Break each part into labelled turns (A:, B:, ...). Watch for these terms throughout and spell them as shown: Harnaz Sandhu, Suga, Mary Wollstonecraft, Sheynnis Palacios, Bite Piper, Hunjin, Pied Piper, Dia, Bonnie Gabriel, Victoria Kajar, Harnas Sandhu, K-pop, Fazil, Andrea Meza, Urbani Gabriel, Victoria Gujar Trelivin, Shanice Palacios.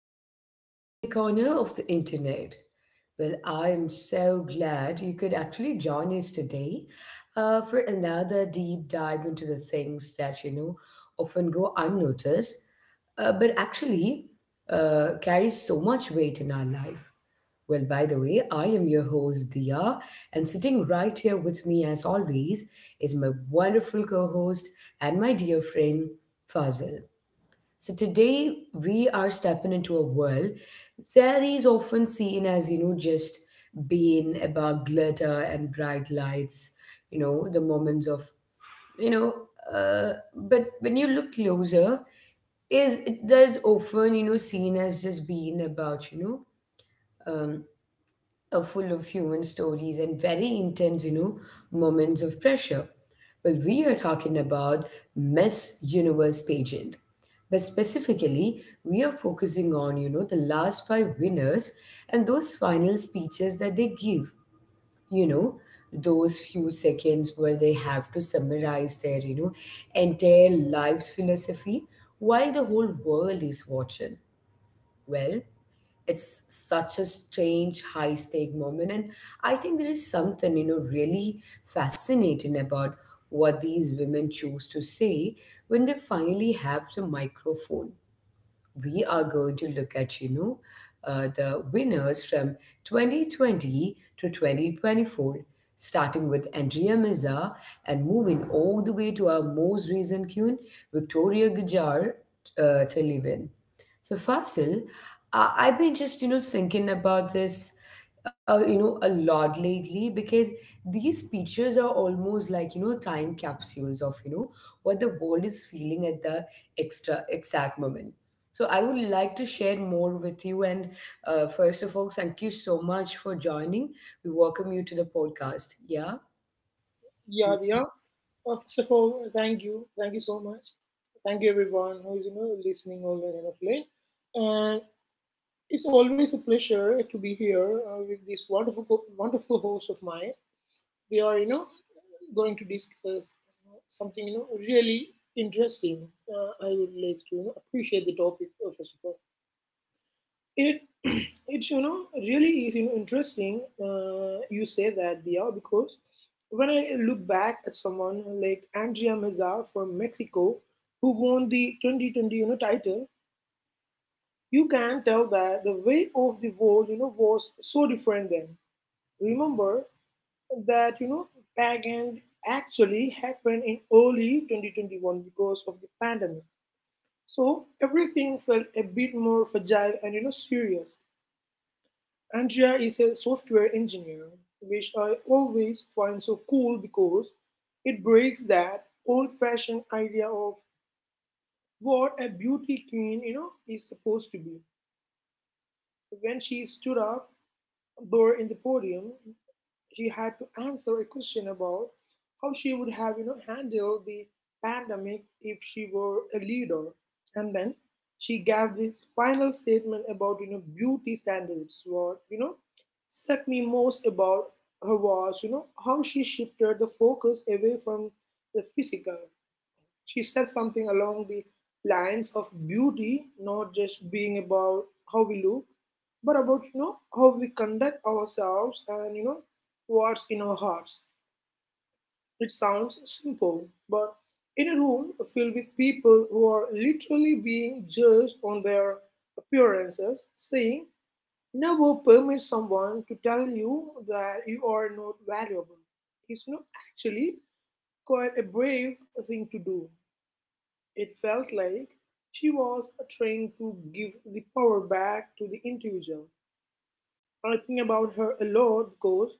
A: to our cozy corner of the internet. Well, I am so glad you could actually join us today for another deep dive into the things that often go unnoticed, but actually carry so much weight in our life. Well, by the way, I am your host Dia, and sitting right here with me, as always, is my wonderful co host and my dear friend Fazil. So today we are stepping into a world that is often seen as, just being about glitter and bright lights, you know, the moments of, you know, but when you look closer, is it does often, seen as just being about, um, full of human stories and very intense, moments of pressure. Well, we are talking about Miss Universe pageant, but specifically, we are focusing on, the last five winners and those final speeches that they give, you know, those few seconds where they have to summarize their, entire life's philosophy while the whole world is watching. Well, it's such a strange high stake moment, and I think there is something really fascinating about what these women choose to say when they finally have the microphone. We are going to look at, the winners from 2020 to 2024, starting with Andrea Meza and moving all the way to our most recent queen, Victoria Gujar Trelivin. So Fasil, I've been just thinking about this, a lot lately because these pictures are almost like time capsules of what the world is feeling at the extra exact moment. So I would like to share more with you. And first of all, thank you so much for joining. We welcome you to the podcast. Yeah.
B: Yeah, yeah. First of all, thank you. Thank you so much. Thank you everyone who is listening all the end of late. And it's always a pleasure to be here with this wonderful wonderful host of mine. We are going to discuss something really interesting. I would like to appreciate the topic, first of all. It it's really is, interesting, you say that, Dia, because when I look back at someone like Andrea Meza from Mexico who won the 2020, title, you can tell that the way of the world was so different then. Remember that pageant actually happened in early 2021 because of the pandemic. So everything felt a bit more fragile and serious. Andrea is a software engineer, which I always find so cool because it breaks that old fashioned idea of what a beauty queen, you know, is supposed to be. When she stood up there in the podium, she had to answer a question about how she would have handled the pandemic if she were a leader, and then she gave this final statement about beauty standards. What struck me most about her was how she shifted the focus away from the physical. She said something along the lines of beauty not just being about how we look, but about how we conduct ourselves and what's in our hearts. It sounds simple, but in a room filled with people who are literally being judged on their appearances, saying never permit someone to tell you that you are not valuable is you actually quite a brave thing to do. It felt like she was trying to give the power back to the individual. I think about her a lot because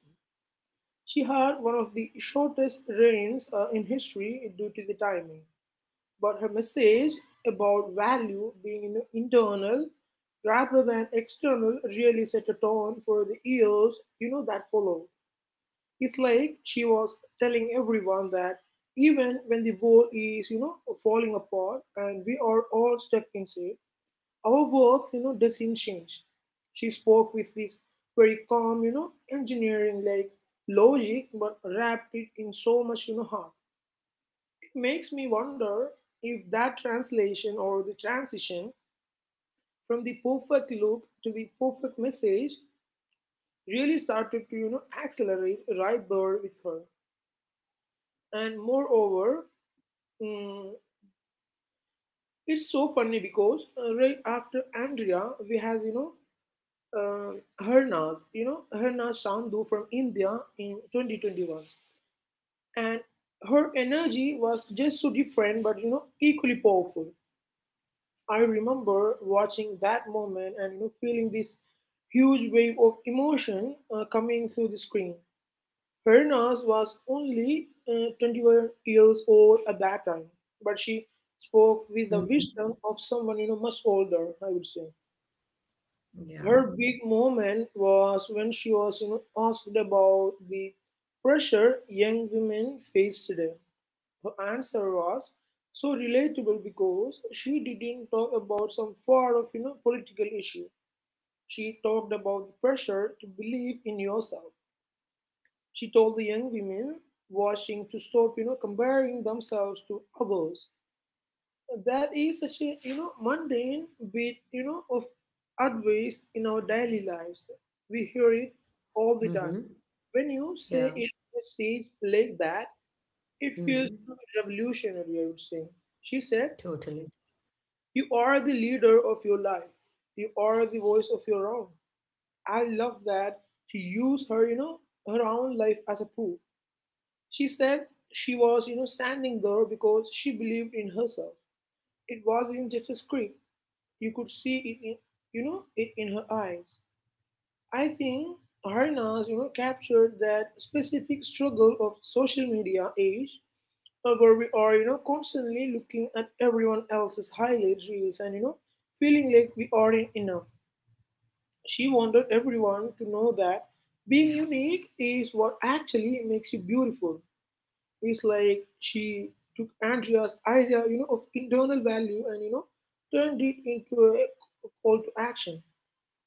B: she had one of the shortest reigns in history due to the timing. But her message about value being, you know, internal rather than external really set a tone for the years that followed. It's like she was telling everyone that even when the world is falling apart and we are all stuck inside, our worth, you know, doesn't change. She spoke with this very calm, you know, engineering like logic, but wrapped it in so much, you know, heart. It makes me wonder if that translation or the transition from the perfect look to the perfect message really started to, you know, accelerate right there with her. And moreover, mm, it's so funny because right after Andrea, we has, you know, Harnas, you know, Harnas Sandhu from India in 2021. And her energy was just so different, but you know, equally powerful. I remember watching that moment and, you know, feeling this huge wave of emotion coming through the screen. Hernas was only 21 years old at that time, but she spoke with the
A: Mhm.
B: wisdom of someone much older, I would say.
A: Yeah.
B: Her big moment was when she was, you know, asked about the pressure young women face today. Her answer was so relatable because she didn't talk about some sort of political issue. She talked about the pressure to believe in yourself. She told the young women watching to stop comparing themselves to others. That is such a mundane bit of advice in our daily lives. We hear it all the time.
A: Hmm.
B: When you
A: Yeah.
B: say it on a stage like that, it feels
A: Hmm.
B: revolutionary, I would say. She said,
A: Totally.
B: "You are the leader of your life. You are the voice of your own." I love that she used her, her own life as a proof. She said she was standing there because she believed in herself. It wasn't just a script. You could see it, in, it in her eyes. I think Harnas, you know, captured that specific struggle of social media age, where we are, you know, constantly looking at everyone else's highlight reels and, you know, feeling like we aren't enough. She wanted everyone to know that being unique is what actually makes you beautiful. It's like she took Andrea's idea, you know, of internal value and, you know, turned it into a call to action.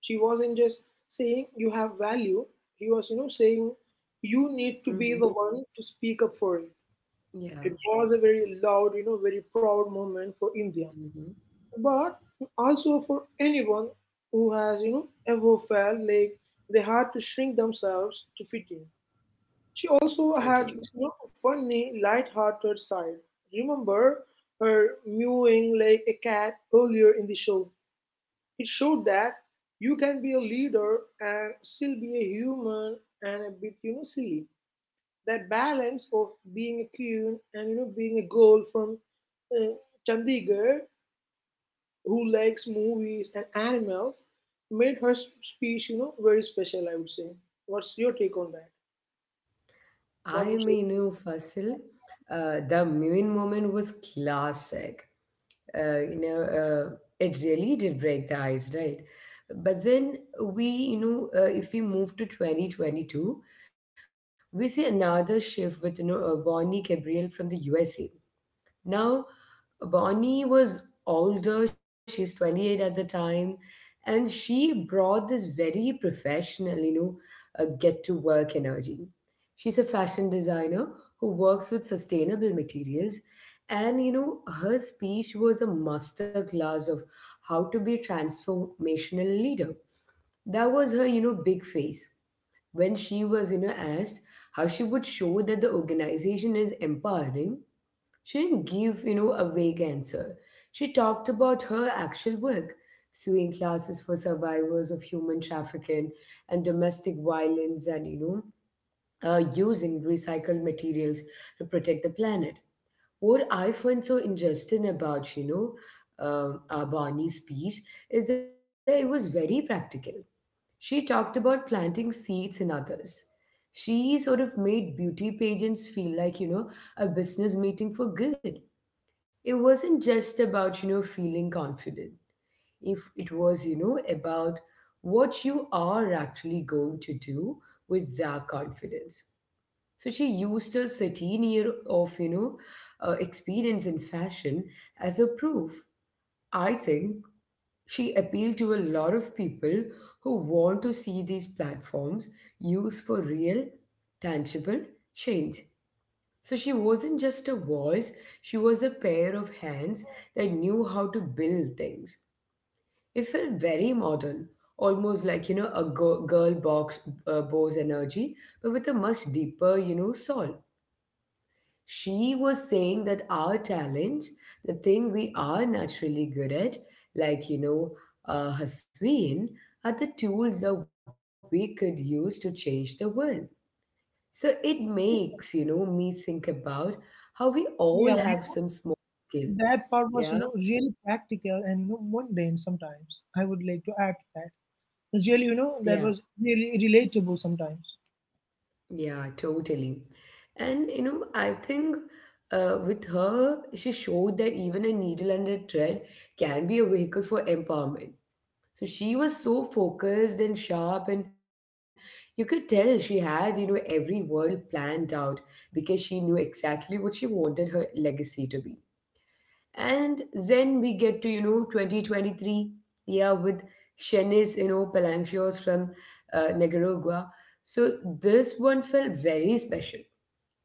B: She wasn't just saying you have value. She was, you know, saying you need to be the
A: Hmm.
B: one to speak up for it. It
A: Yeah.
B: was a very loud, you know, very proud moment for India,
A: Hmm.
B: but also for anyone who has, you know, ever felt like they had to shrink themselves to fit in. She
A: Totally.
B: also had this, you know, funny, light-hearted side. Remember her mewing like a cat earlier in the show? It showed that you can be a leader and still be a human and a bit, you know, silly. That balance of being a queen and being a girl from uh, Chandigarh who likes movies and animals made her speech, you know, very special, I would say. What's your take on that?
A: I
B: What would you?
A: mean, Fasil, the Muin moment was classic. uh, you know, uh, it really did break the ice, right? But then if we move to 2022, we see another shift with, Bonnie Gabriel from the USA. Now, Bonnie was older, she's 28 at the time, and she brought this very professional, get to work energy. She's a fashion designer who works with sustainable materials, and her speech was a master class of how to be a transformational leader. That was her, big face. When she was, asked how she would show that the organization is empowering, she didn't give, a vague answer. She talked about her actual work, suing classes for survivors of human trafficking and domestic violence, and, using recycled materials to protect the planet. What I find so interesting about, Abani's speech is that it was very practical. She talked about planting seeds in others. She sort of made beauty pageants feel like, a business meeting for good. It wasn't just about feeling confident, if it was about what you are actually going to do with that confidence. So she used her 13 year of experience in fashion as a proof. I think she appealed to a lot of people who want to see these platforms used for real, tangible change. So she wasn't just a voice, she was a pair of hands that knew how to build things. It felt very modern, almost like, you know, a girl, girl box boss energy, but with a much deeper, soul. She was saying that our talents, the thing we are naturally good at, like, Hasween, are the tools that we could use to change the world. So it makes, me think about how we
B: Yeah,
A: all have some small skill.
B: that part was, you know,
A: Yeah,
B: really practical and, you know, mundane sometimes. I would like to add to that. Really, you know, that
A: yeah,
B: was really relatable sometimes.
A: yeah, totally. And, I think with her, she showed that even a needle and a thread can be a vehicle for empowerment. So she was so focused and sharp, and you could tell she had, every word planned out because she knew exactly what she wanted her legacy to be. And then we get to, 2023, yeah, with Chenes, Palancios from Nicaragua. So this one felt very special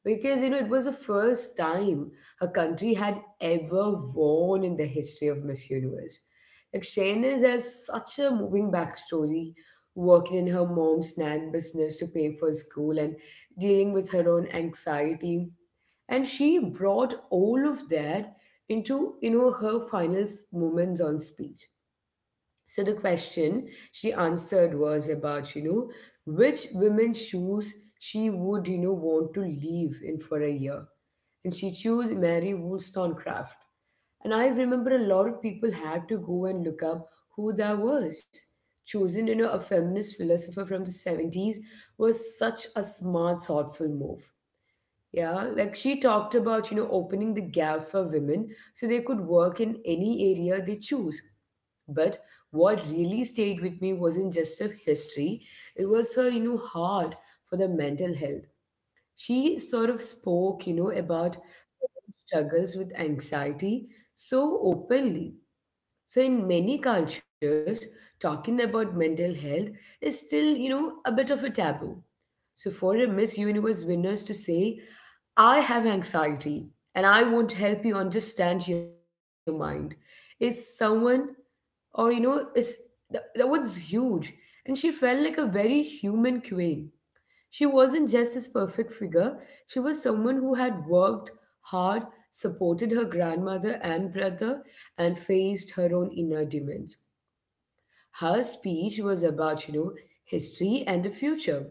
A: because, it was the first time her country had ever won in the history of Miss Universe. Like, Shayna's has such a moving backstory, working in her mom's snack business to pay for school and dealing with her own anxiety. And she brought all of that into, her final moments on speech. So the question she answered was about, which women's shoes she would, want to leave in for a year. And she chose Mary Wollstonecraft. And I remember a lot of people had to go and look up who that was. Chosen, a feminist philosopher from the 70s was such a smart, thoughtful move. Yeah, like she talked about, opening the gap for women so they could work in any area they choose. But what really stayed with me wasn't just her history, it was her, heart for the mental health. She sort of spoke, about struggles with anxiety so openly. So, in many cultures, talking about mental health is still, a bit of a taboo. So for a Miss Universe winners to say, I have anxiety and I want to help you understand your mind is someone, or is, that, that was huge. And she felt like a very human queen. She wasn't just this perfect figure, she was someone who had worked hard, supported her grandmother and brother, and faced her own inner demons. Her speech was about, history and the future,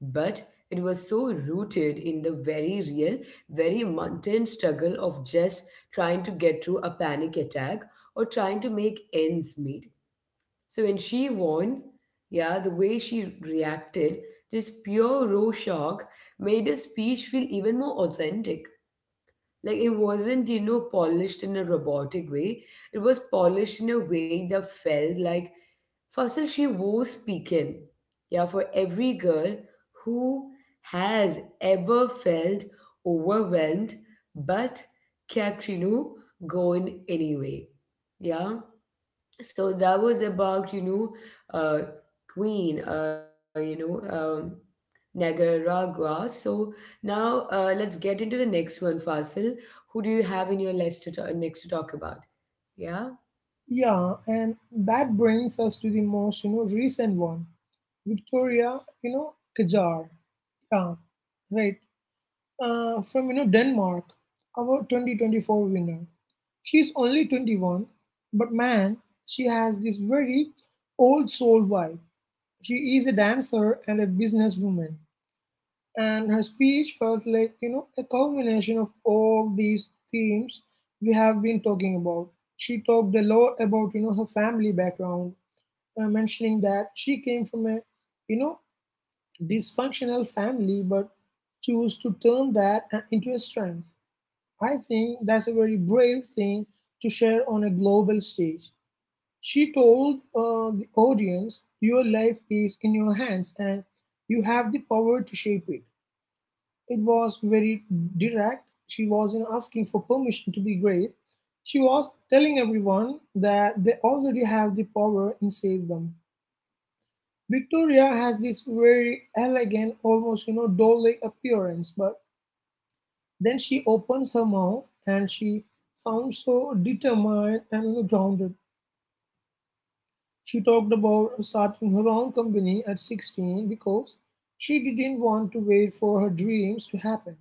A: but it was so rooted in the very real, very mundane struggle of just trying to get through a panic attack or trying to make ends meet. So when she won, yeah, the way she reacted, this pure raw shock, made her speech feel even more authentic. Like it wasn't, polished in a robotic way. It was polished in a way that felt like, Fasil, she was speaking. Yeah, for every girl who has ever felt overwhelmed but kept, going anyway. Yeah. So that was about, uh, Queen, Nicaragua. So now let's get into the next one, Fasil. Who do you have in your list to next to talk about? Yeah,
B: Yeah, and that brings us to the most, you know, recent one, Victoria, you know, Kajar. Yeah, right. From, you know, Denmark, our 2024 winner. She's only 21, but man, she has this very old soul vibe. She is a dancer and a businesswoman, and her speech felt like a culmination of all these themes we have been talking about. She talked a lot about, her family background, mentioning that she came from a, you know dysfunctional family, but chose to turn that into a strength. I think that's a very brave thing to share on a global stage. She told the audience your life is in your hands and you have the power to shape it. It was very direct. She wasn't asking for permission to be great. She was telling everyone that they already have the power inside them. Victoria has this very elegant, almost you know, doll-like appearance, but then she opens her mouth and she sounds so determined and, you know, grounded. She talked about starting her own company at 16 because she didn't want to wait for her dreams to happen.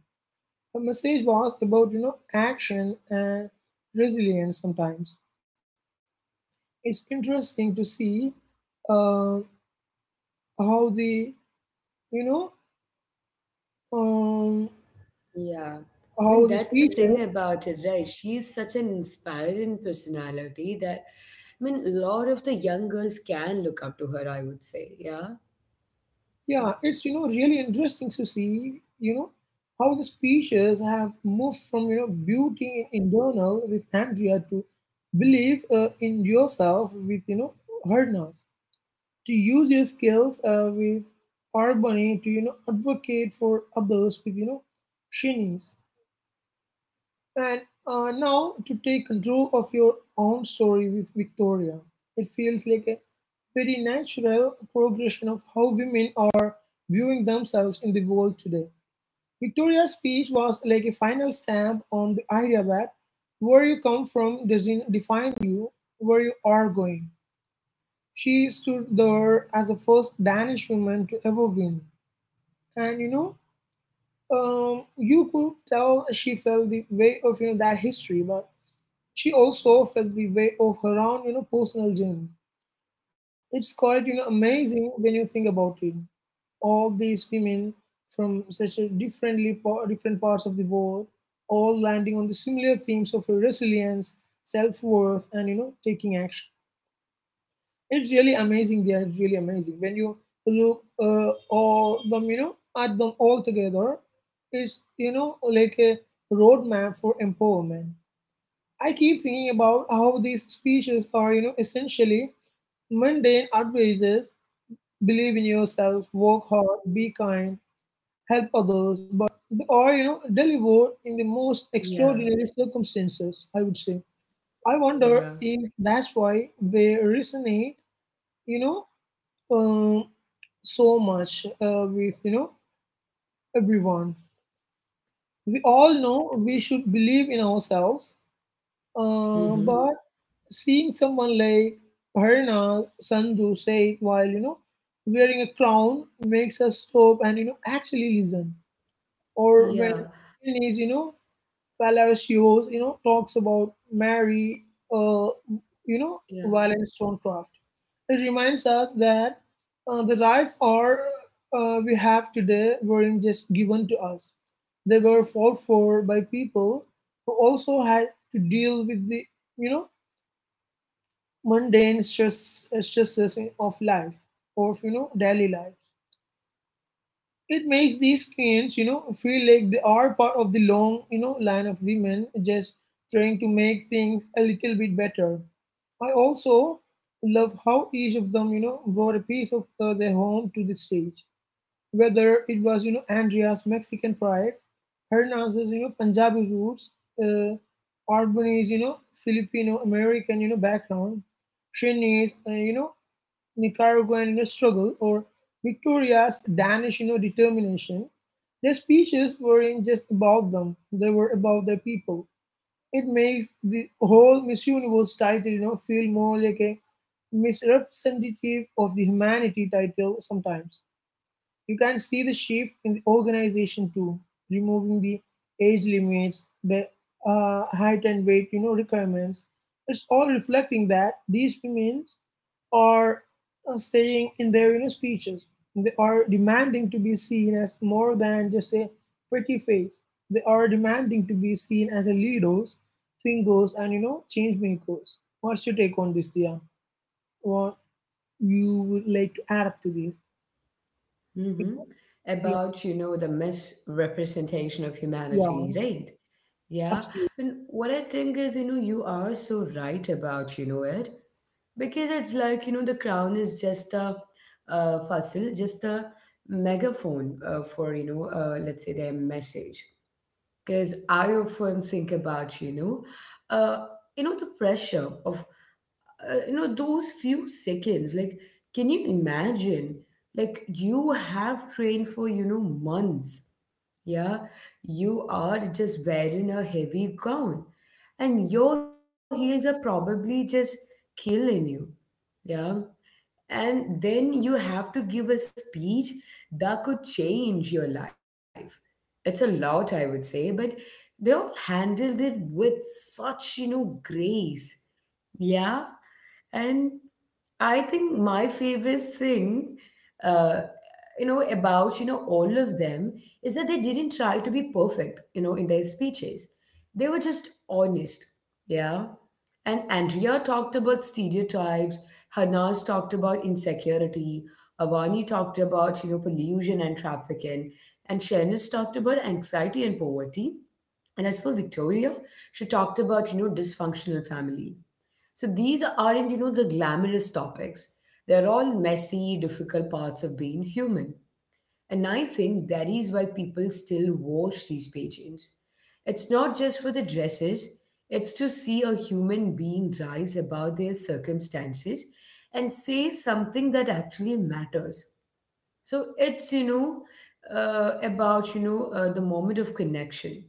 B: The message was about action and resilience sometimes. It's interesting to see uh, how the you know um,
A: yeah. I mean,
B: how the
A: that's the
B: speeches—
A: thing about it, right? She's such an inspiring personality that, I mean, a lot of the young girls can look up to her, I would say. Yeah.
B: yeah, it's, really interesting to see you know how the speeches have moved from beauty in internal with Andrea to believe in yourself with, Hernas, to use your skills with Parvati, to advocate for others with, shinies, and now to take control of your own story with Victoria. It feels like a very natural progression of how women are viewing themselves in the world today. Victoria's speech was like a final stamp on the idea that where you come from doesn't define you, where you are going. She stood there as the first Danish woman to ever win, and, you know, you could tell she felt the weight of that history, but she also felt the weight of her own personal journey. It's quite amazing when you think about it. All these women from such a differently different parts of the world, all landing on the similar themes of resilience, self worth, and, taking action. It's really amazing. Yeah, it's really amazing when you look all them, you know, at them all together. It's, like a roadmap for empowerment. I keep thinking about how these speeches are, you know, essentially mundane advices: believe in yourself, work hard, be kind, help others, but they are delivered in the most
A: Yeah,
B: extraordinary circumstances, I would say. I wonder
A: yeah,
B: if that's why they resonate, you know, um, so much with, everyone. We all know we should believe in ourselves, but
A: Mm-hmm.
B: seeing someone like Harina Sandhu say it while wearing a crown makes us stop and actually listen. Or when
A: yeah,
B: Putin, Palacios, you know, talks about Mary, uh,
A: yeah,
B: Wollstonecraft. It reminds us that the rights are we have today weren't just given to us; they were fought for by people who also had to deal with the, you know, mundane stresses of life, of, daily life. It makes these queens, you know, feel like they are part of the long, you know, line of women just trying to make things a little bit better. I also love how each of them, brought a piece of their home to the stage. Whether it was, Andrea's Mexican pride, Herna's, Punjabi roots, uh, Arbani's Filipino American, background, Shinny's, Nicaraguan struggle, or Victoria's Danish determination, their speeches weren't just about them, they were about their people. It makes the whole Miss Universe title feel more like a misrepresentative of the humanity title sometimes. You can see the shift in the organization too, removing the age limits, the height and weight requirements. It's all reflecting that these women are saying in their speeches. They are demanding to be seen as more than just a pretty face. They are demanding to be seen as a leaders, fingers, and change makers. What's your take on this, Dia? What you would like to add up to this?
A: Mm-hmm.
B: Yeah,
A: About, the misrepresentation of
B: yeah,
A: humanity, right? Yeah,
B: absolutely.
A: and what I think is, you are so right about, it because it's like, the crown is just a, fossil, just a megaphone for, let's say their message. Because I often think about, uh, the pressure of those few seconds. Like, can you imagine, like, you have trained for months, yeah, you are just wearing a heavy gown and your heels are probably just killing you, yeah, and then you have to give a speech that could change your life. It's a lot, I would say, but they all handled it with such grace. Yeah. And I think my favorite thing, uh, about, all of them is that they didn't try to be perfect, in their speeches. They were just honest. Yeah. And Andrea talked about stereotypes. Hanas talked about insecurity. Avani talked about, pollution and trafficking. And Shanice talked about anxiety and poverty. And as for Victoria, she talked about, dysfunctional family. So these aren't, the glamorous topics. They're all messy, difficult parts of being human. And I think that is why people still watch these pageants. It's not just for the dresses, it's to see a human being rise above their circumstances and say something that actually matters. So it's, about, the moment of connection.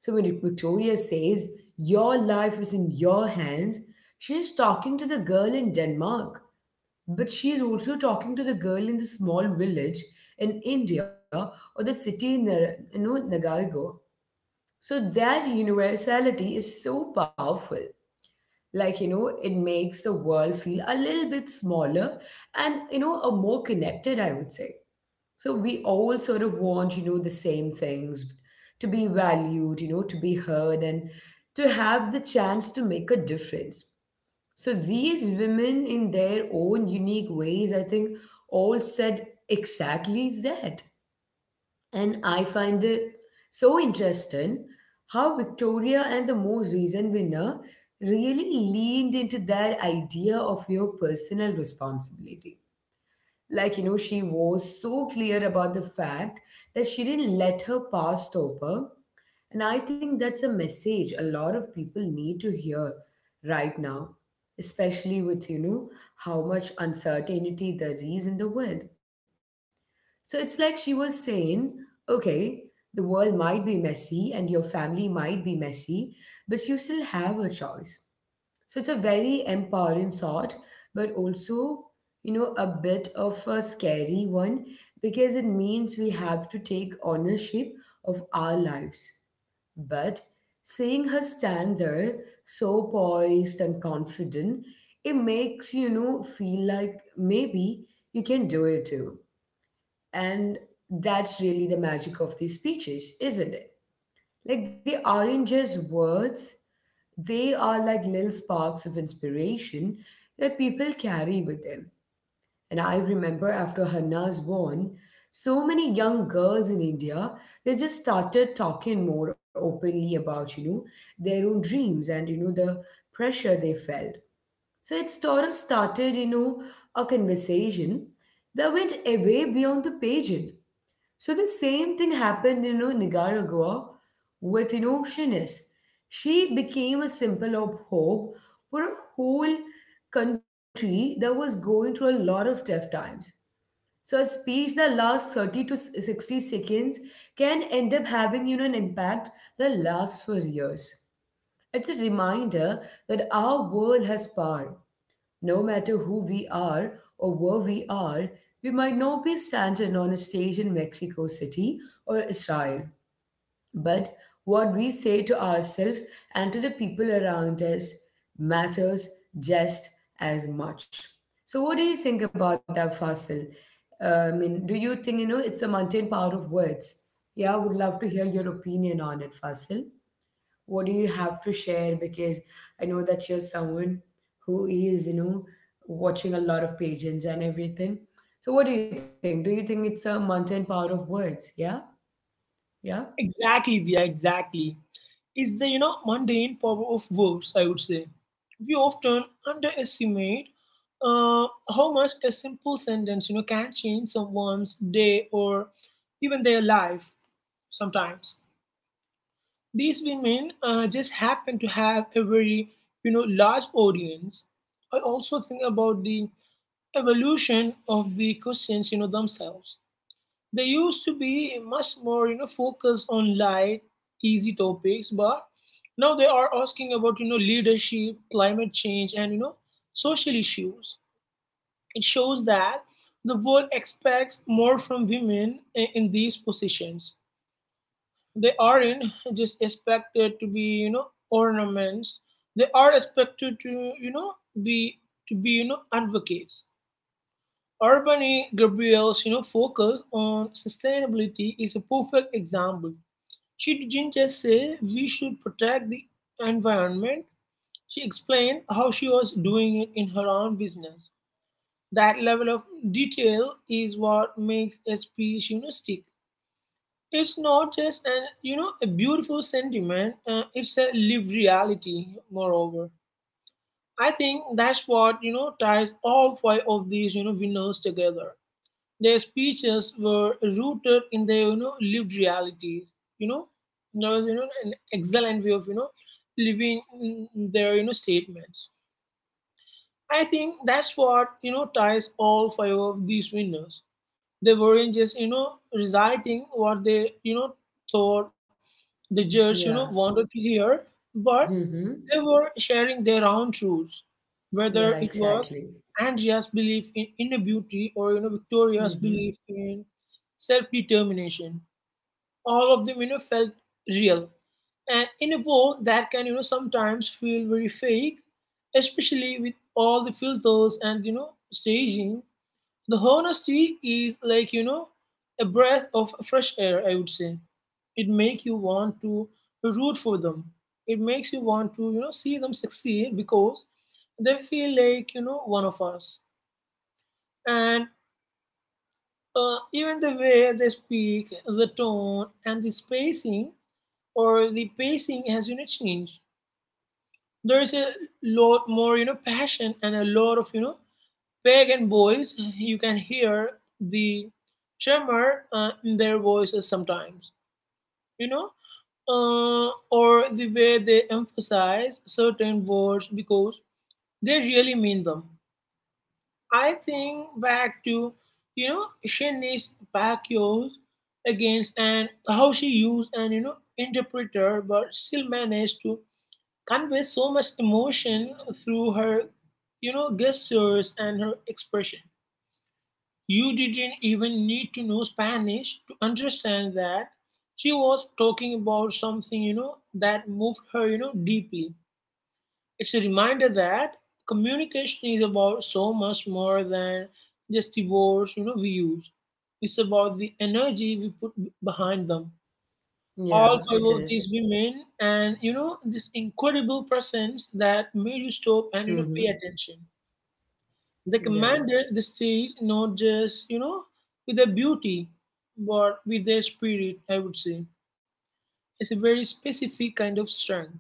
A: So when Victoria says, your life is in your hands, she's talking to the girl in Denmark, but she's also talking to the girl in the small village in India or the city in, Nagargo. So that universality is so powerful. Like, it makes the world feel a little bit smaller and, a more connected, I would say. So we all sort of want, the same things to be valued, to be heard and to have the chance to make a difference. So these women, in their own unique ways, I think, all said exactly that. And I find it so interesting how Victoria and the most recent winner really leaned into that idea of your personal responsibility. Like, she was so clear about the fact that she didn't let her past stop her. And I think that's a message a lot of people need to hear right now, especially with, how much uncertainty there is in the world. So it's like she was saying, okay, the world might be messy and your family might be messy, but you still have a choice. So it's a very empowering thought, but also, a bit of a scary one because it means we have to take ownership of our lives. But seeing her stand there, so poised and confident, it makes, feel like maybe you can do it too. And that's really the magic of these speeches, isn't it? Like they aren't just words, they are like little sparks of inspiration that people carry with them. And I remember after Hanna was born, so many young girls in India, they just started talking more openly about, their own dreams and, the pressure they felt. So it sort of started, a conversation that went away beyond the pageant. So the same thing happened in Nicaragua with Shanice. She became a symbol of hope for a whole country that was going through a lot of tough times. So a speech that lasts 30 to 60 seconds can end up having an impact that lasts for years. It's a reminder that our world has power. No matter who we are or where we are, we might not be standing on a stage in Mexico City or Israel, but what we say to ourselves and to the people around us matters just as much. So, what do you think about that, Fasil? I mean, do you think it's a mundane power of words? Yeah, I would love to hear your opinion on it, Fasil. What do you have to share? Because I know that you're someone who is watching a lot of pages and everything. So what do you think? Do you think it's a mountain power of words? Yeah, yeah,
B: Exactly, yeah, exactly. It's the mundane power of words. I would say we often underestimate how much a simple sentence can change someone's day or even their life. Sometimes these women just happen to have a very large audience. I also think about the evolution of the questions themselves. They used to be much more, focused on light, easy topics, but now they are asking about, leadership, climate change, and social issues. It shows that the world expects more from women in these positions. They aren't just expected to be, ornaments. They are expected to, you know, be be, advocates. Urbani Gabriel's focus on sustainability is a perfect example. She didn't just say we should protect the environment, she explained how she was doing it in her own business. That level of detail is what makes a speech stick. It's not just an a beautiful sentiment, it's a lived reality, moreover. I think that's what ties all five of these winners together. Their speeches were rooted in their lived realities. You know, there was an excellent way of living in their statements. I think that's what ties all five of these winners. They weren't just reciting what they thought the judge
A: yeah.
B: wanted to hear, but
A: Mm-hmm.
B: they were sharing their own truths, whether it
A: Yeah,
B: was
A: exactly.
B: Andrea's belief in inner beauty or Victoria's
A: Mm-hmm.
B: belief in self-determination. All of them felt real, and in a world that can sometimes feel very fake, especially with all the filters and staging, the honesty is like, a breath of fresh air, I would say. It makes you want to root for them. It makes you want to, see them succeed because they feel like, one of us. And even the way they speak, the tone, and the spacing or the pacing has, changed. There is a lot more, passion and a lot of, pagan boys, you can hear the tremor in their voices sometimes, you know, or the way they emphasize certain words because they really mean them. I think back to, Shanice Pacquiao's against, and how she used an, interpreter but still managed to convey so much emotion through her, gestures and her expression. You didn't even need to know Spanish to understand that she was talking about something, that moved her, deeply. It's a reminder that communication is about so much more than just the words, we use. It's about the energy we put behind them. All five
A: Yeah,
B: of
A: it
B: these
A: is.
B: women and, this incredible presence that made you stop and,
A: Mm-hmm.
B: pay attention. They
A: Yeah,
B: commanded the stage not just, with their beauty, but with their spirit, I would say. It's a very specific kind of strength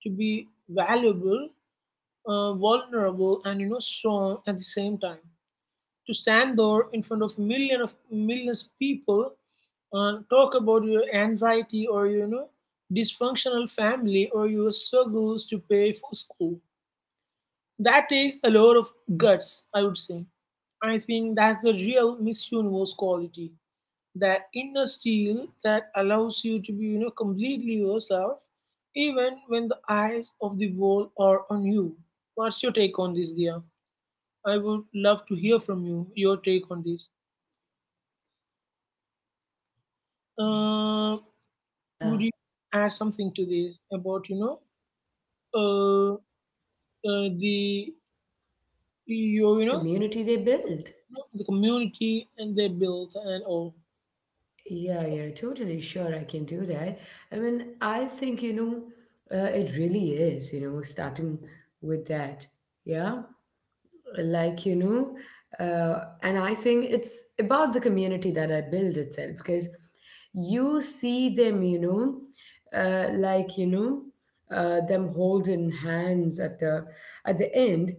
B: to be valuable, vulnerable, and, strong at the same time. To stand there in front of million of millions of people talk about your anxiety or dysfunctional family or your struggles to pay for school, that takes a lot of guts, I would say. I think that's the real Miss Universe quality. That inner steel that allows you to be, completely yourself, even when the eyes of the world are on you. What's your take on this, dear? I would love to hear from you, your take on this. Uh, would you
A: yeah,
B: add something to this about, you know, uh, the, your, you know,
A: community they build.
B: the community and their build and all?
A: Yeah, yeah, totally, sure I can do that. I mean, I think it really is starting with that. Yeah. Like and I think it's about the community that I build itself. Because you see them like them holding hands at the end.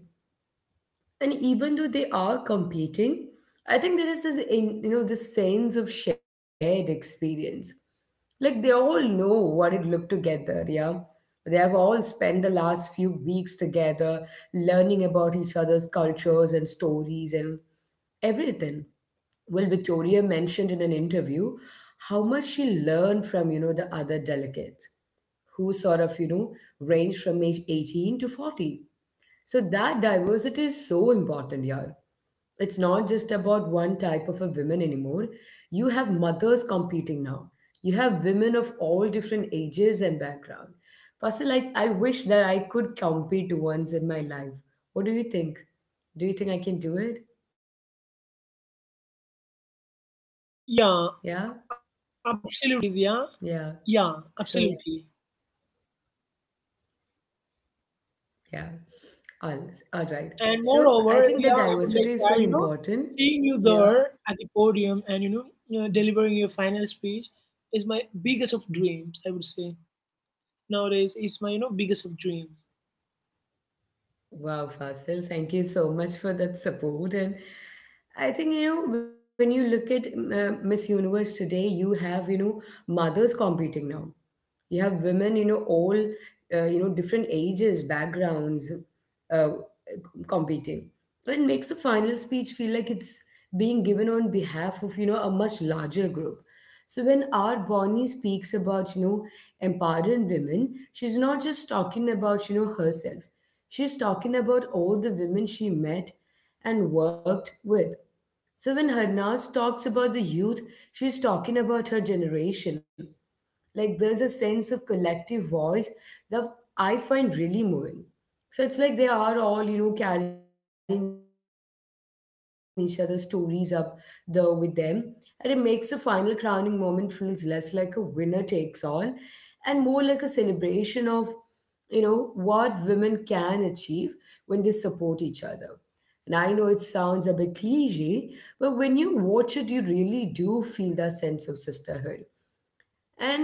A: And even though they are competing, I think there is this in this sense of shared experience. Like they all know what it looked to get there. Yeah, they have all spent the last few weeks together learning about each other's cultures and stories and everything. Well, Victoria mentioned in an interview how much she learned from the other delegates, who sort of ranged from age 18 to 40. So that diversity is so important, yaar. It's not just about one type of a women anymore. You have mothers competing now. You have women of all different ages and background. Fasil, like I wish that I could compete once in my life. What do you think? Do you think I can do it? Yeah, yeah.
B: Yeah,
A: So
B: absolutely, Diya. Yeah. Yes, absolutely.
A: yeah, all all right. So I think that diversity is so
B: And
A: important.
B: moreover, Diya, I would
A: Yeah.
B: like to add, seeing you there at the podium and, you know, delivering your final speech is my biggest of dreams, I would say. Nowadays, it's my, biggest of dreams.
A: Wow, Fasil, thank you so much for that support. And I think, when you look at Miss Universe today, you have, mothers competing now. You have women, different ages, backgrounds. Uh, competing. So it makes the final speech feel like it's being given on behalf of, a much larger group. So when our Bonnie speaks about, empowering women, she's not just talking about, herself. She's talking about all the women she met and worked with. So when Harnas talks about the youth, she's talking about her generation. Like there's a sense of collective voice that I find really moving. So it's like they are all, carrying each other's stories up the with them. And it makes the final crowning moment feels less like a winner takes all and more like a celebration of, what women can achieve when they support each other. And I know it sounds a bit cliche, but when you watch it, you really do feel that sense of sisterhood. And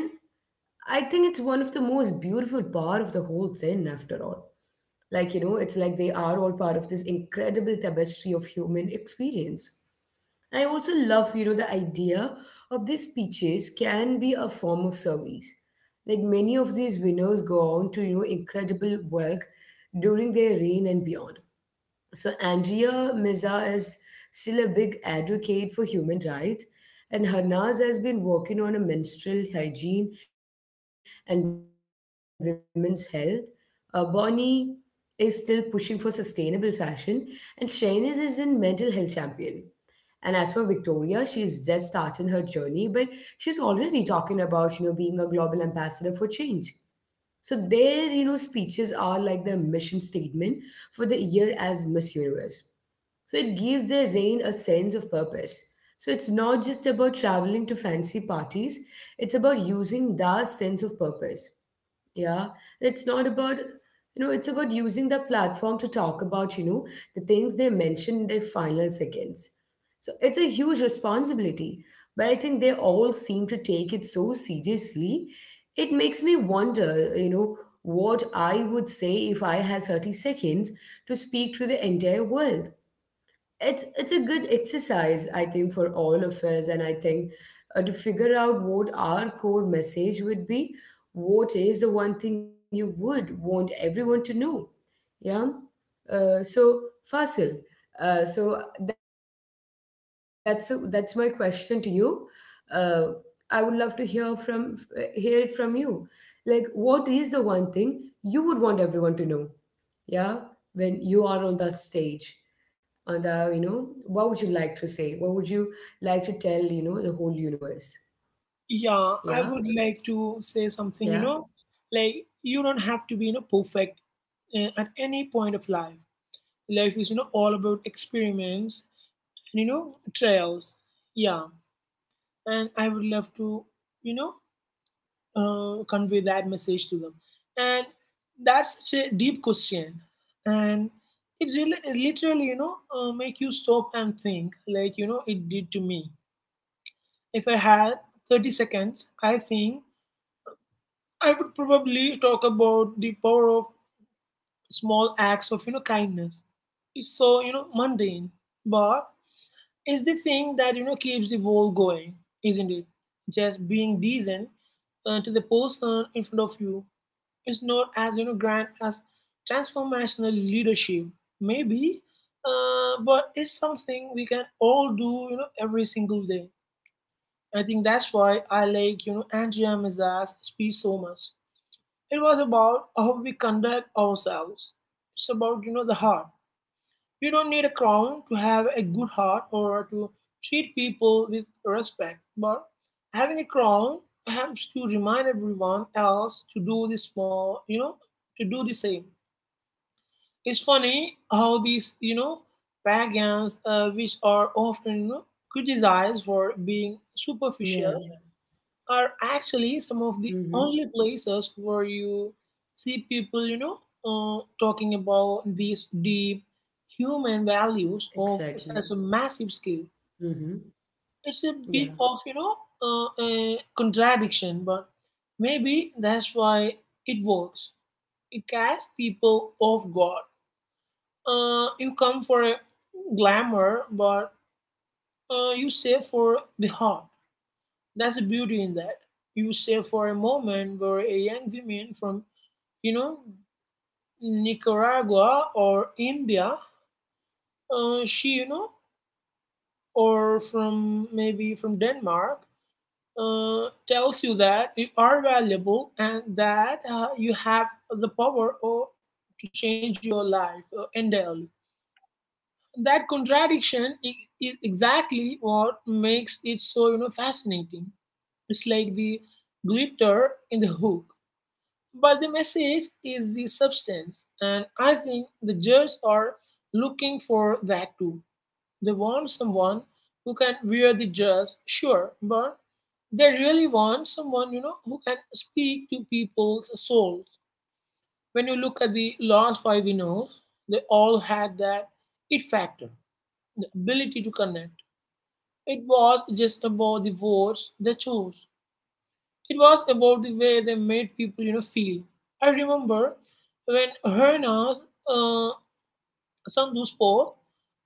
A: I think it's one of the most beautiful part of the whole thing after all. Like, it's like they are all part of this incredible tapestry of human experience. And I also love, the idea of these speeches can be a form of service. Like many of these winners go on to, incredible work during their reign and beyond. So Andrea Mirza is still a big advocate for human rights, and Harnaz has been working on a menstrual hygiene and women's health. Bonnie is still pushing for sustainable fashion, and Shainas is in mental health champion. And as for Victoria, she's just starting her journey, but she's already talking about, being a global ambassador for change. So their, speeches are like their mission statement for the year as Miss Universe. So it gives their reign a sense of purpose. So it's not just about traveling to fancy parties, it's about using that sense of purpose. Yeah, it's not about, It's about using the platform to talk about, the things they mentioned in their final seconds. So it's a huge responsibility, but I think they all seem to take it so seriously. It makes me wonder, what I would say if I had 30 seconds to speak to the entire world. It's a good exercise I think for all of us. And I think to figure out what our core message would be. What is the one thing you would want everyone to know? Yeah. So Fasil, so that's that's my question to you. uh, I would love to hear from hear it from you. Like what is the one thing you would want everyone to know? Yeah. When you are on that stage and what would you like to say? What would you like to tell the whole universe? Yeah,
B: Yeah, I would like to say
A: yeah,
B: something, like you don't have to be, perfect at any point of life. Life is, all about experiments and, trials. Yeah, and I would love to you know convey that message to them. And that's such a deep question, and it really, it literally, make you stop and think, it did to me. If I had 30 seconds, I think I would probably talk about the power of small acts of kindness. It's so mundane, but it's the thing that keeps the world going, isn't it? Just being decent to the person in front of you is not as grand as transformational leadership maybe, but it's something we can all do, every single day. I think that's why I like, Andrea Mazza's speech so much. It was about how we conduct ourselves. It's about the heart. You don't need a crown to have a good heart or to treat people with respect, but having a crown helps to remind everyone else to do this more, to do the same. It's funny how these, pagans, which are often, criticized for being
A: yeah.
B: superficial, are actually some of the
A: Mm-hmm.
B: only places where you see people, talking about these deep human values of such
A: Exactly.
B: a massive scale.
A: Mm-hmm.
B: It's a bit
A: Yeah.
B: of, a contradiction, but maybe that's why it works. It catches people off guard. You come for a glamour, but you save for the heart. That's the beauty in that. You save for a moment where a young woman from, you know, Nicaragua or India, uh, she, you know, or from maybe from Denmark, tells you that you are valuable and that you have the power or to change your life entirely. That contradiction is exactly what makes it so fascinating. It's like the glitter in the hook, but the message is the substance. And I think the judges are looking for that too. They want someone who can wear the dress, sure, but they really want someone, who can speak to people's souls. When you look at the last five winners, they all had that it factor, the ability to connect. It was just about the words they chose. It was about the way they made people, feel. I remember when Hernas uh, Sandhu spoke,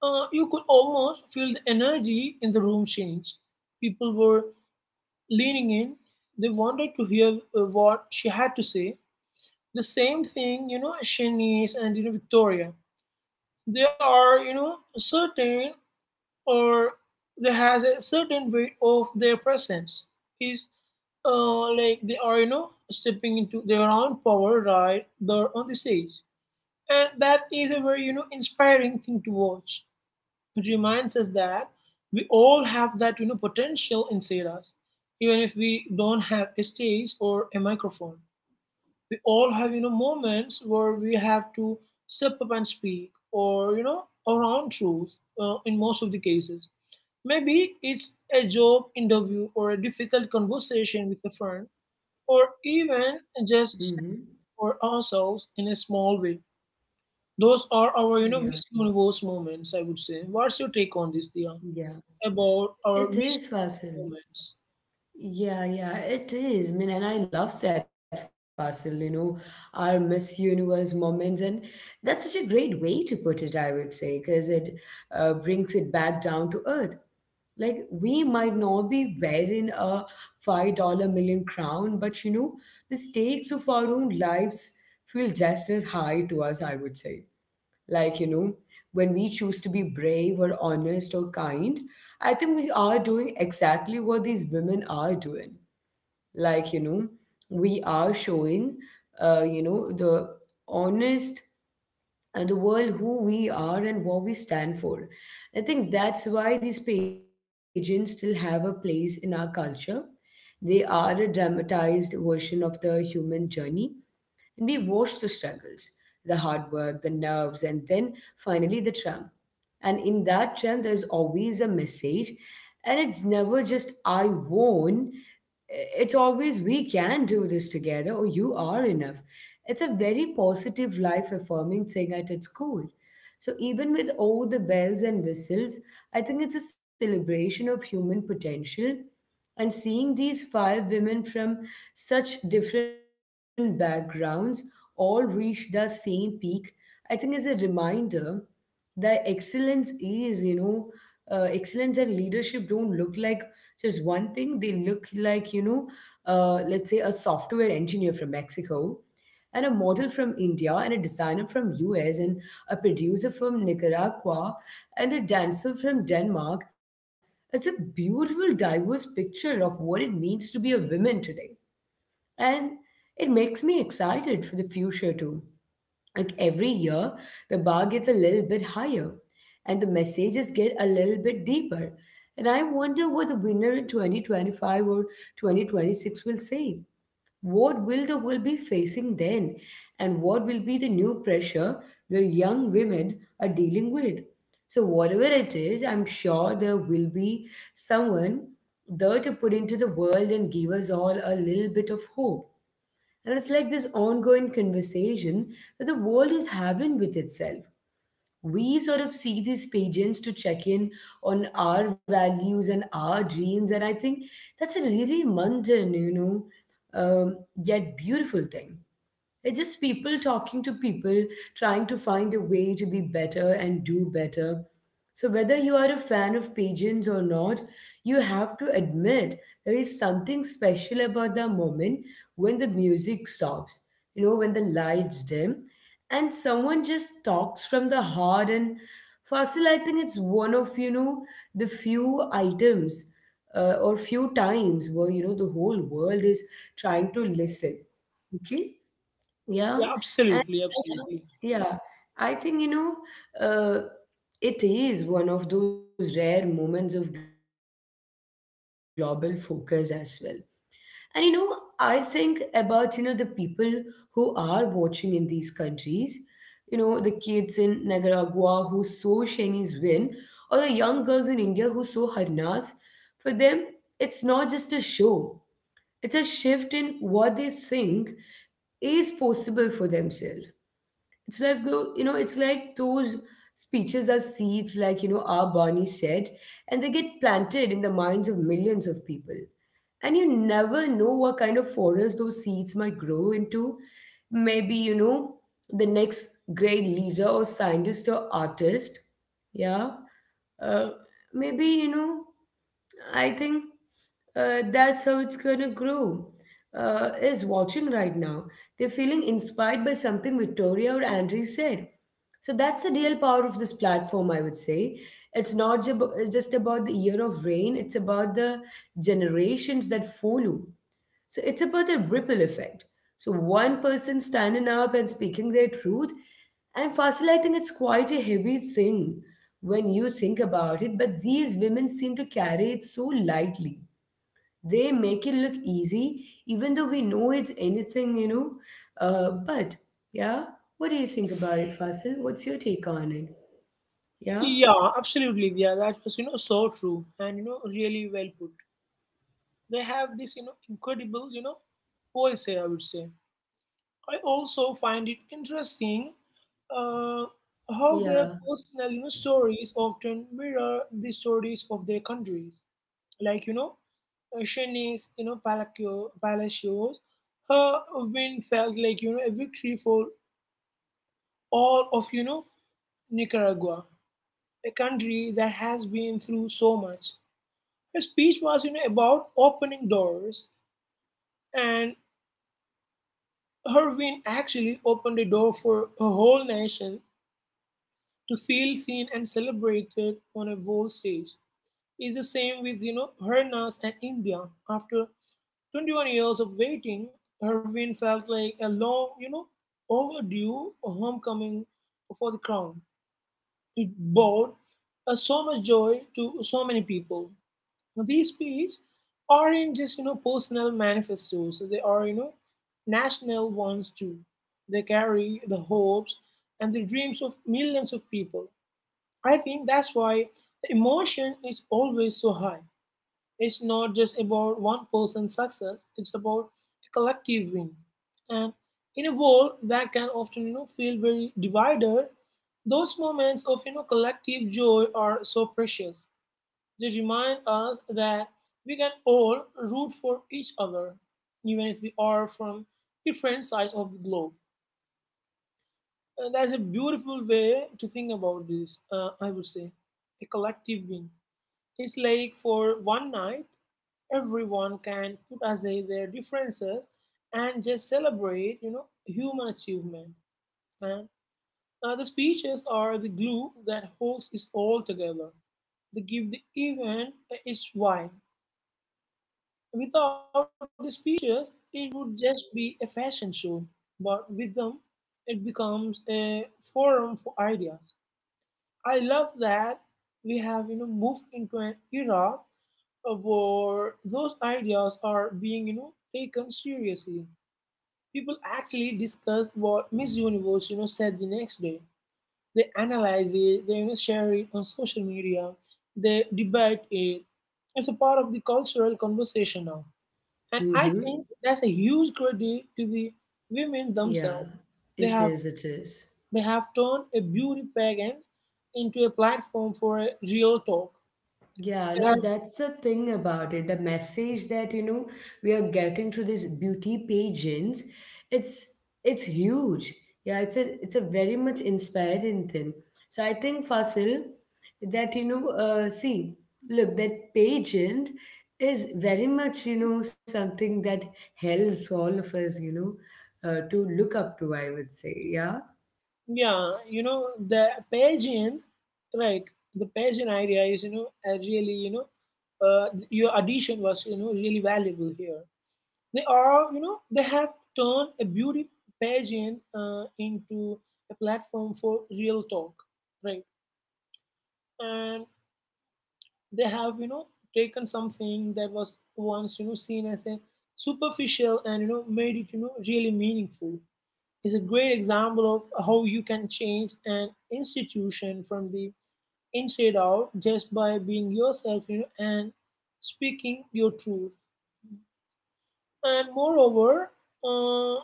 B: you could almost feel the energy in the room change. People were leaning in. They wanted to hear what she had to say. The same thing, Shanice and Victoria. They are, you know, certain or they has a certain weight of their presence is, like they are stepping into their own power right there on the stage. And that is a very inspiring thing to watch. It reminds us that we all have that potential inside us, even if we don't have a stage or a microphone. We all have, moments where we have to step up and speak or our own truth, in most of the cases. Maybe
A: Mm-hmm.
B: it's a job
A: Exactly.
B: interview or a difficult conversation with a friend, or even just saying for
A: Mm-hmm.
B: ourselves in a small way. Those are our, Miss Universe
A: Yeah,
B: moments, I would say. What's your take on this, Dia, about
A: yeah,
B: our Miss
A: it is,
B: moments?
A: Fasil. Yeah, yeah, it is. I mean, and I love that, Fasil, our Miss Universe moments. And that's such a great way to put it, I would say, because it brings it back down to earth. Like, we might not be wearing a 5,000,000 million crown, but the stakes of our own lives feel just as high to us, I would say. Like, when we choose to be brave or honest or kind, I think we are doing exactly what these women are doing. like you know we are showing the honest and the world who we are and what we stand for. I think that's why these pageants still have a place in our culture. They are a dramatized version of the human journey, and we watched the struggles, the hard work, the nerves, and then finally the tram. And in that tram, there's always a message, and it's never just I won. It's always we can do this together, or you are enough. It's a very positive, life affirming thing at its core. So, even with all the bells and whistles, I think it's a celebration of human potential. And seeing these five women from such different backgrounds all reach the same peak, I think is a reminder that excellence is, excellence and leadership don't look like just one thing. They look like, let's say a software engineer from Mexico and a model from India and a designer from US and a producer from Nicaragua and a dancer from Denmark. It's a beautiful, diverse picture of what it means to be a woman today. And it makes me excited for the future too. Like every year, the bar gets a little bit higher and the messages get a little bit deeper. And I wonder what the winner in 2025 or 2026 will say. What will the world be facing then? And what will be the new pressure the young women are dealing with? So, whatever it is, I'm sure there will be someone there to put into the world and give us all a little bit of hope. And it's like this ongoing conversation that the world is having with itself. We sort of see these pageants to check in on our values and our dreams, and I think that's a really mundane you know um, yet beautiful thing. It's just people talking to people, trying to find a way to be better and do better. So, whether you are a fan of pigeons or not, you have to admit there is something special about the moment when the music stops, you know, when the lights dim, and someone just talks from the heart. And Fasil, I think it's one of, you know, the few items or few times where, you know, the whole world is trying to listen. Okay.
B: Yeah,
A: Yeah,
B: absolutely,
A: and
B: absolutely.
A: yeah, I think uh, it is one of those rare moments of global focus as well. And you know, I think about you know the people who are watching in these countries, you know, the kids in Nicaragua who saw Shani's win, or the young girls in India who saw Harnas. For them, it's not just a show; it's a shift in what they think is possible for themselves. It's like go, you know, it's like those speeches are seeds, like you know, our Barney said, and they get planted in the minds of millions of people. And you never know what kind of forest those seeds might grow into. Maybe, you know, the next great leader or scientist or artist. Yeah. Uh, Maybe, you know. I think that's how it's going to grow. Is watching right now. They're feeling inspired by something Victoria or Andre said. So that's the real power of this platform, I would say. It's not just about the year of rain, it's about the generations that follow. So it's about the ripple effect. So one person standing up and speaking their truth and fascinating, it's quite a heavy thing when you think about it. But these women seem to carry it so lightly. They make it look easy, even though we know it's anything, you know. But yeah, what do you think about it, Fasil? What's your take on it? Yeah,
B: Yeah, absolutely, Dia. That was, so true and, really well put. They have this, incredible, poise, I would say. I also find it interesting uh, how their
A: yeah,
B: personal stories often mirror the stories of their countries. Like, you know, Shanice, Palacio, Palacios, her win felt like, a victory for all of, Nicaragua, a country that has been through so much. Her speech was, about opening doors, and her win actually opened the door for a whole nation to feel seen and celebrated on a world stage. It's the same with, Hernas and India. After 21 years of waiting, her win felt like a long, overdue homecoming for the crown. It brought, so much joy to so many people. Now, these speeches aren't just, personal manifestos. They are, national ones too. They carry the hopes and the dreams of millions of people. I think that's why the emotion is always so high. It's not just about one person's success, it's about a collective win. And in a world that can often, feel very divided, those moments of collective joy are so precious. They remind us that we can all root for each other, even if we are from different sides of the globe. And that's a beautiful way to think about this, I would say, a collective win. It's like for one night, everyone can put aside their differences and just celebrate, human achievement. And the speeches are the glue that holds it all together. They give the event its vibe. Without the speeches, it would just be a fashion show. But with them, it becomes a forum for ideas. I love that we have moved into an era where those ideas are being taken seriously. People actually discuss what Miss Universe said the next day. They analyze it. They, share it on social media. They debate it. It's a part of the cultural conversation now, and I
A: mm-hmm.
B: think that's a huge credit to the women
A: Yeah.
B: themselves. They
A: It
B: have
A: is. It is.
B: they have turned a beauty pageant into a platform for a real talk.
A: Yeah, no, that's the thing about it. The message that, you know, we are getting through these beauty pageants, it's it's huge. Yeah, it's a very much inspiring thing. So I think Fasil, that you know, see, look, that pageant is very much, you know, something that helps all of us, you know, to look up to, I would say. Yeah.
B: Yeah, the Pagian, right? The Pagian idea is, a really, your addition was, really valuable here. They are, they have turned a beauty Pagian, into a platform for real talk, right? And they have, taken something that was once, seen as a superficial and, made it, really meaningful. Is a great example of how you can change an institution from the inside out just by being yourself, and speaking your truth. And moreover, uh,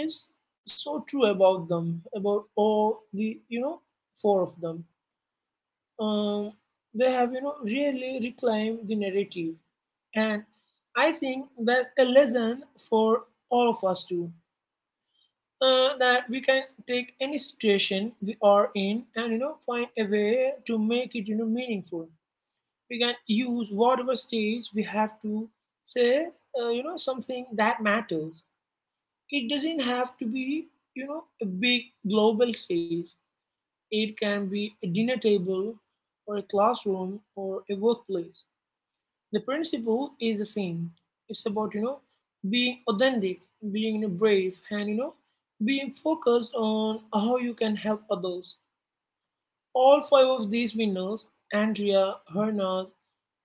B: it's so true about them, about all the, four of them. Um, they have, really reclaimed the narrative. And I think that's a lesson for all of us too, that we can take any situation we are in and find a way to make it meaningful. We can use whatever stage we have to say, something that matters. It doesn't have to be a big global stage. It can be a dinner table or a classroom or a workplace. The principle is the same. It's about being authentic, being, brave, and being focused on how you can help others. All five of these winners, Andrea, Hernas,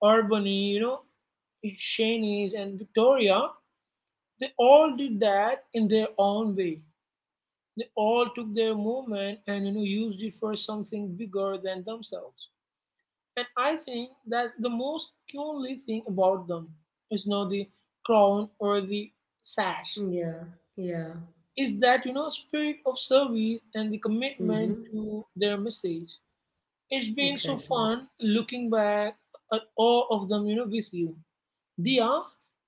B: Urbani, Shanice, and Victoria, they all did that in their own way. They all took their movement and used it for something bigger than themselves. And I think that's the most cool thing about them. It's not the crown or the sash.
A: Yeah. Yeah.
B: It's that, spirit of service and the commitment
A: Mm-hmm.
B: to their message. It's been so
A: Exactly.
B: fun looking back at all of them, with you. Dia,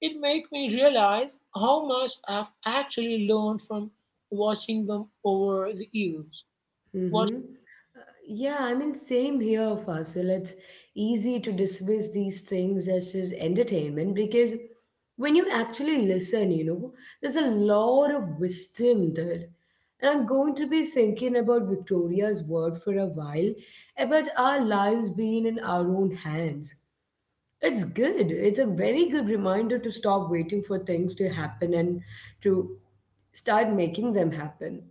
B: it made me realize how much I've actually learned from watching them over the years. What
A: Mm-hmm. Yeah, I mean, same here, Fasil. It's easy to dismiss these things as just entertainment because when you actually listen, you know, there's a lot of wisdom there. And I'm going to be thinking about Victoria's word for a while, about our lives being in our own hands. It's good. It's a very good reminder to stop waiting for things to happen and to start making them happen.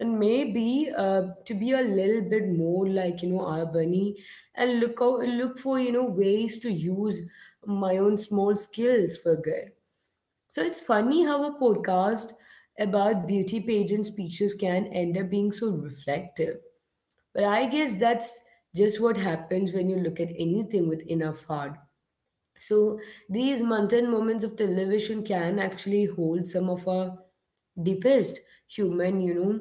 A: And maybe to be a little bit more like you know our bunny and look out, look for you know ways to use my own small skills for good. So it's funny how a podcast about beauty pageant speeches can end up being so reflective. But I guess that's just what happens when you look at anything with enough heart. So these mundane moments of television can actually hold some of our deepest human, you know,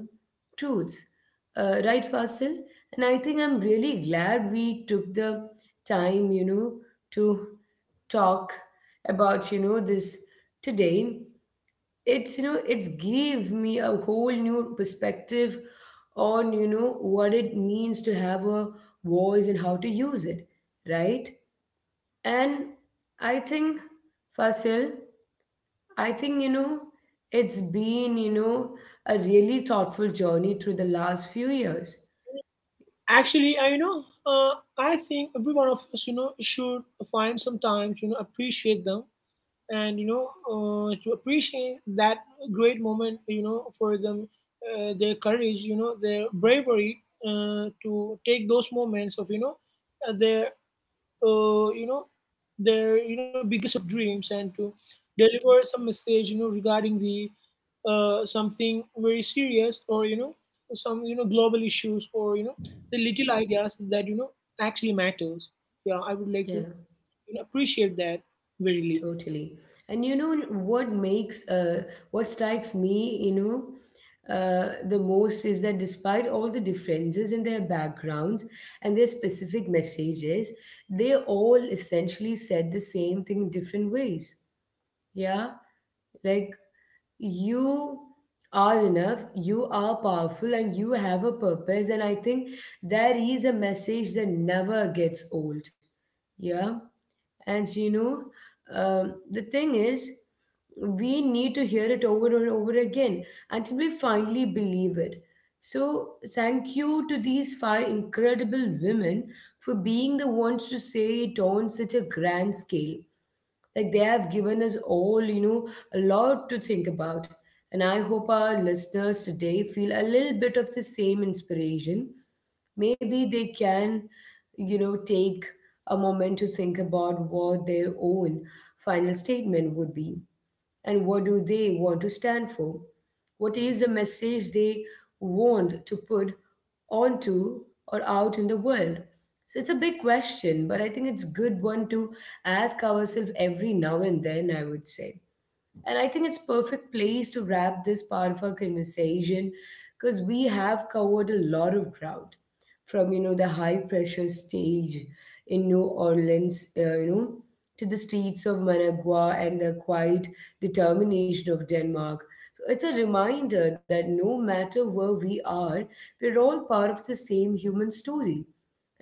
A: truths. Right, Fasil? And I think I'm really glad we took the time, you know, to talk about, you know, this today. It's, you know, it's give me a whole new perspective on, you know, what it means to have a voice and how to use it, right? And I think, Fasil, I think, you know, it's been, you know, a really thoughtful journey through the last few years.
B: Actually, I I think every one of us, should find some time to, appreciate them, and to appreciate that great moment, for them, their courage, their bravery, to take those moments of their, uh, you know their biggest of dreams, and to deliver some message regarding the, something very serious, or some global issues, or the little ideas that actually matters. Yeah, I would like to,
A: Yeah,
B: appreciate that verily.
A: totally. And you know what strikes me, you know, the most is that despite all the differences in their backgrounds and their specific messages, they all essentially said the same thing in different ways. Yeah, like you are enough, you are powerful and you have a purpose, and I think there is a message that never gets old. Yeah. And you know, the thing is, we need to hear it over and over again until we finally believe it. So, thank you to these five incredible women for being the ones to say it on such a grand scale. Like, they have given us all you know a lot to think about, and I hope our listeners today feel a little bit of the same inspiration. Maybe they can, you know, take a moment to think about what their own final statement would be, and what do they want to stand for, what is the message they want to put onto or out in the world. So it's a big question, but I think it's good one to ask ourselves every now and then, I would say. And I think it's perfect place to wrap this part of our conversation, because we have covered a lot of ground from you know the high pressure stage in New Orleans, you know, to the streets of Managua and the quiet determination of Denmark. So it's a reminder that no matter where we are, we're all part of the same human story.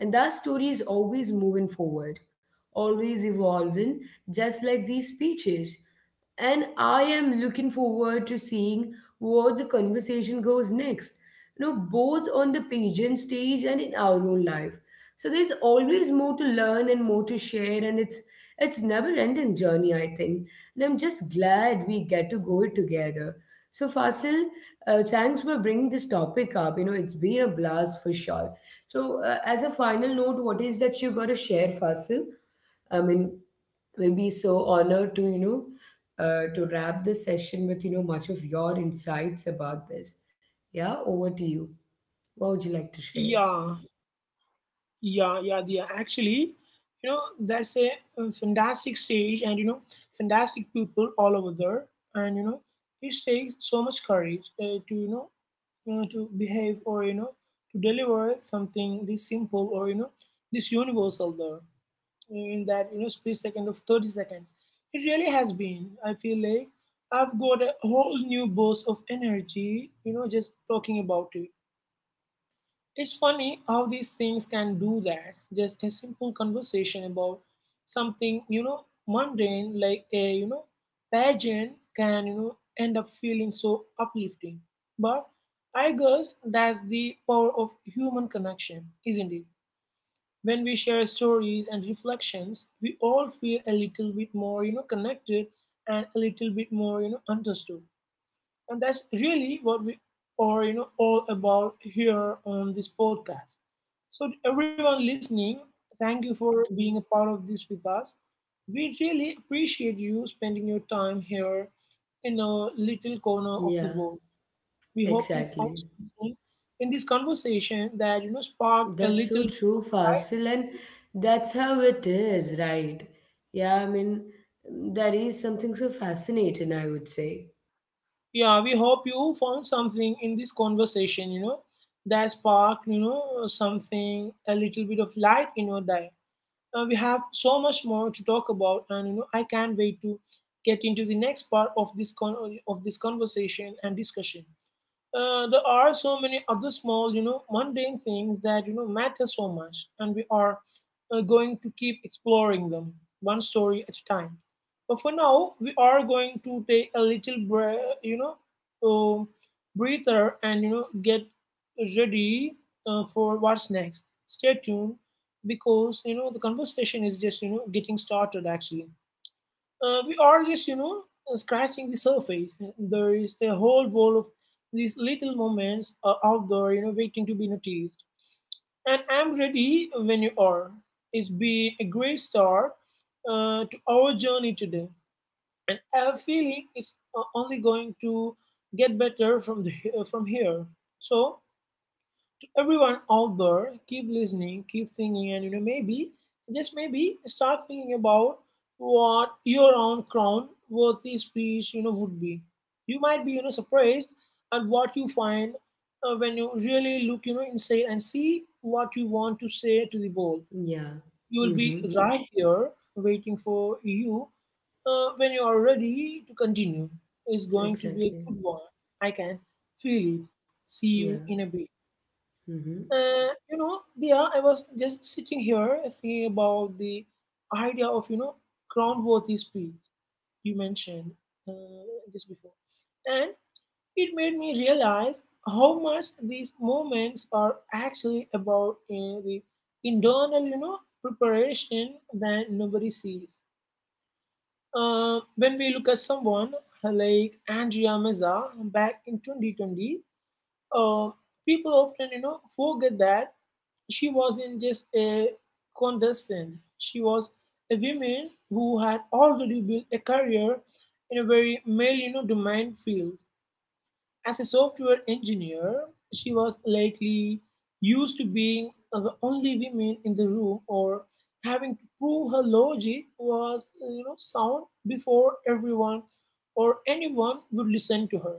A: And that story is always moving forward, always evolving, just like these speeches. And I am looking forward to seeing where the conversation goes next, you know, both on the pageant stage and in our own life. So there's always more to learn and more to share, and it's never ending journey, I think. And I'm just glad we get to go it together. So Fasil, thanks for bringing this topic up. You know, it's been a blast for sure. So, as a final note, what is that you got to share, Fasil? I mean, we'll be so honored to, you know, to wrap this session with, you know, much of your insights about this. Yeah, over to you. What would you like to
B: yeah
A: share?
B: yeah yeah yeah actually you know that's a, fantastic stage, and fantastic people all over there. And it takes so much courage, to to behave, or to deliver something this simple, or this universal, there in that split second of 30 seconds. It really has been, I feel like I've got a whole new burst of energy, just talking about it. It's funny how these things can do that. Just a simple conversation about something, mundane, like a, pageant, can, end up feeling so uplifting. But I guess that's the power of human connection, isn't it? When we share stories and reflections, we all feel a little bit more, connected, and a little bit more, understood. And that's really what we are, all about here on this podcast. So, everyone listening, thank you for being a part of this with us. We really appreciate you spending your time here in a little corner of
A: Yeah,
B: the world. We hope you found
A: exactly.
B: something in this conversation that sparked a
A: That's so
B: little bit
A: true,
B: of light.
A: Fasil, and that's how it is, right? Yeah, I mean, that is something so fascinating, I would say.
B: Yeah, we hope you found something in this conversation, that sparked, something, a little bit of light in your day. We have so much more to talk about, and I can't wait to get into the next part of of this conversation and discussion. There are so many other small, mundane things that matter so much, and we are, going to keep exploring them one story at a time. But for now, we are going to take a little breath, uh, breather, and, get ready, for what's next. Stay tuned, because the conversation is just getting started actually. We are just, scratching the surface. There is a whole world of these little moments, out there, waiting to be noticed. And I'm ready when you are. It's been a great start, to our journey today, and I have a feeling it's, only going to get better from from here. So, everyone out there, keep listening, keep thinking, and maybe, just maybe, start thinking about what your own crown worthy speech would be. You might be surprised at what you find, when you really look inside and see what you want to say to the world.
A: Yeah.
B: You will be
A: Mm-hmm.
B: right here waiting for you, when you are ready to continue. It's going to be a
A: Exactly.
B: good one. I can feel it. See you
A: Yeah.
B: in a bit.
A: Mm-hmm.
B: And, yeah, I was just sitting here thinking about the idea of groundworthy speech you mentioned, uh, just before, and it made me realize how much these moments are actually about, the internal preparation that nobody sees. When we look at someone like Andrea Meza back in 2020, uh, people often forget that she wasn't just a contestant, she was a woman who had already built a career in a very male, domain field. As a software engineer, she was likely used to being the only woman in the room, or having to prove her logic was sound before everyone or anyone would listen to her.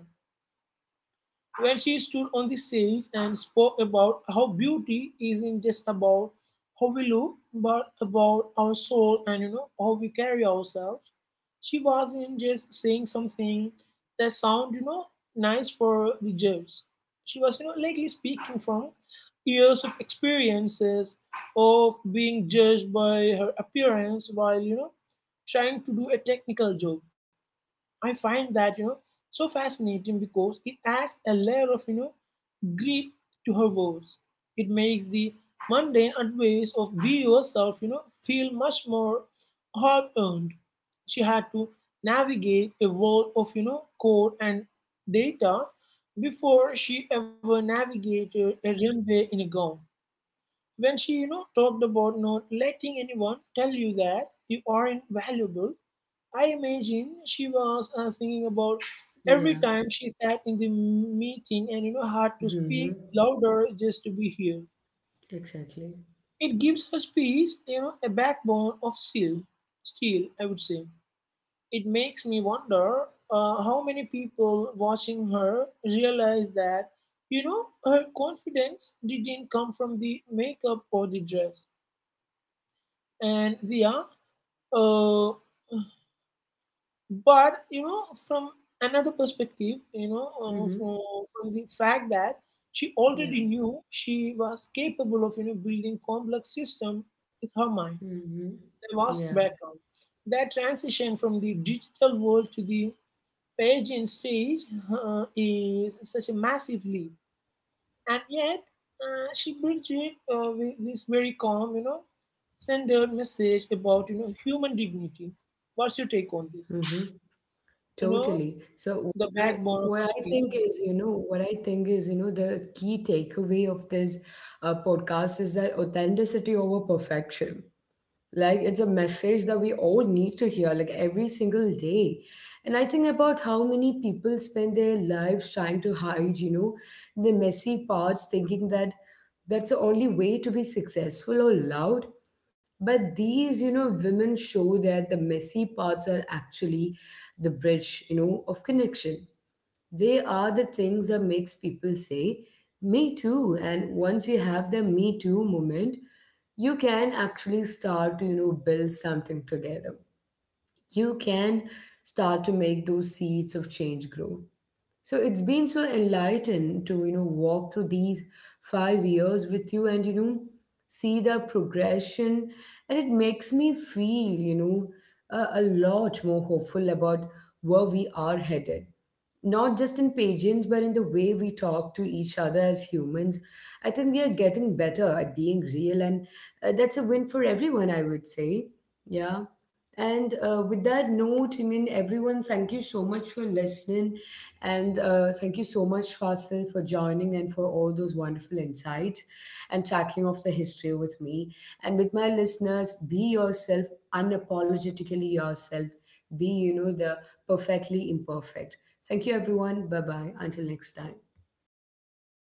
B: When she stood on the stage and spoke about how beauty isn't just about how we look, but about our soul and how we carry ourselves, she wasn't just saying something that sound, nice for the judge. She was likely speaking from years of experiences of being judged by her appearance while trying to do a technical job. I find that so fascinating, because it adds a layer of greed to her words. It makes the mundane advice of "be yourself," feel much more hard earned. She had to navigate a world of, code and data before she ever navigated a runway in a gown. When she, talked about not letting anyone tell you that you aren't valuable, I imagine she was, thinking about every
A: Yeah.
B: time she sat in the meeting and had to
A: Mm-hmm.
B: speak louder just to be here.
A: Exactly.
B: It gives her speech, a backbone of steel, I would say. It makes me wonder, how many people watching her realize that, her confidence didn't come from the makeup or the dress. And yeah, uh, but from another perspective,
A: Mm-hmm.
B: from the fact that she already
A: Yeah.
B: knew she was capable of building complex system with her mind,
A: Mm-hmm.
B: the vast
A: Yeah.
B: background, that transition from the digital world to the page and stage, is such a massive leap. And yet, she bridged it, with this very calm, centered message about human dignity. What's your take on this,
A: Mm-hmm.
B: you know
A: Totally. So
B: the
A: what I
B: backbone of
A: what
B: a
A: I
B: speech?
A: think is, you know, what I think is, you know, the key takeaway of this podcast is that authenticity over perfection. Like, it's a message that we all need to hear like every single day, and I think about how many people spend their lives trying to hide you know the messy parts thinking that that's the only way to be successful or loud. But these you know women show that the messy parts are actually the bridge you know of connection. They are the things that makes people say, me too. And once you have the me too moment, you can actually start to, you know, build something together. You can start to make those seeds of change grow. So it's been so enlightened to, you know, walk through these 5 years with you and, you know, see the progression. And it makes me feel, you know, a lot more hopeful about where we are headed. Not just in pageants, but in the way we talk to each other as humans. I think we are getting better at being real, and that's a win for everyone, I would say. Yeah. And with that note, I mean, everyone, thank you so much for listening. And thank you so much, Fasil, for joining and for all those wonderful insights and tracking of the history with me. And with my listeners, be yourself, unapologetically yourself. Be, you know, the perfectly imperfect. Thank you, everyone. Bye bye. Until next time.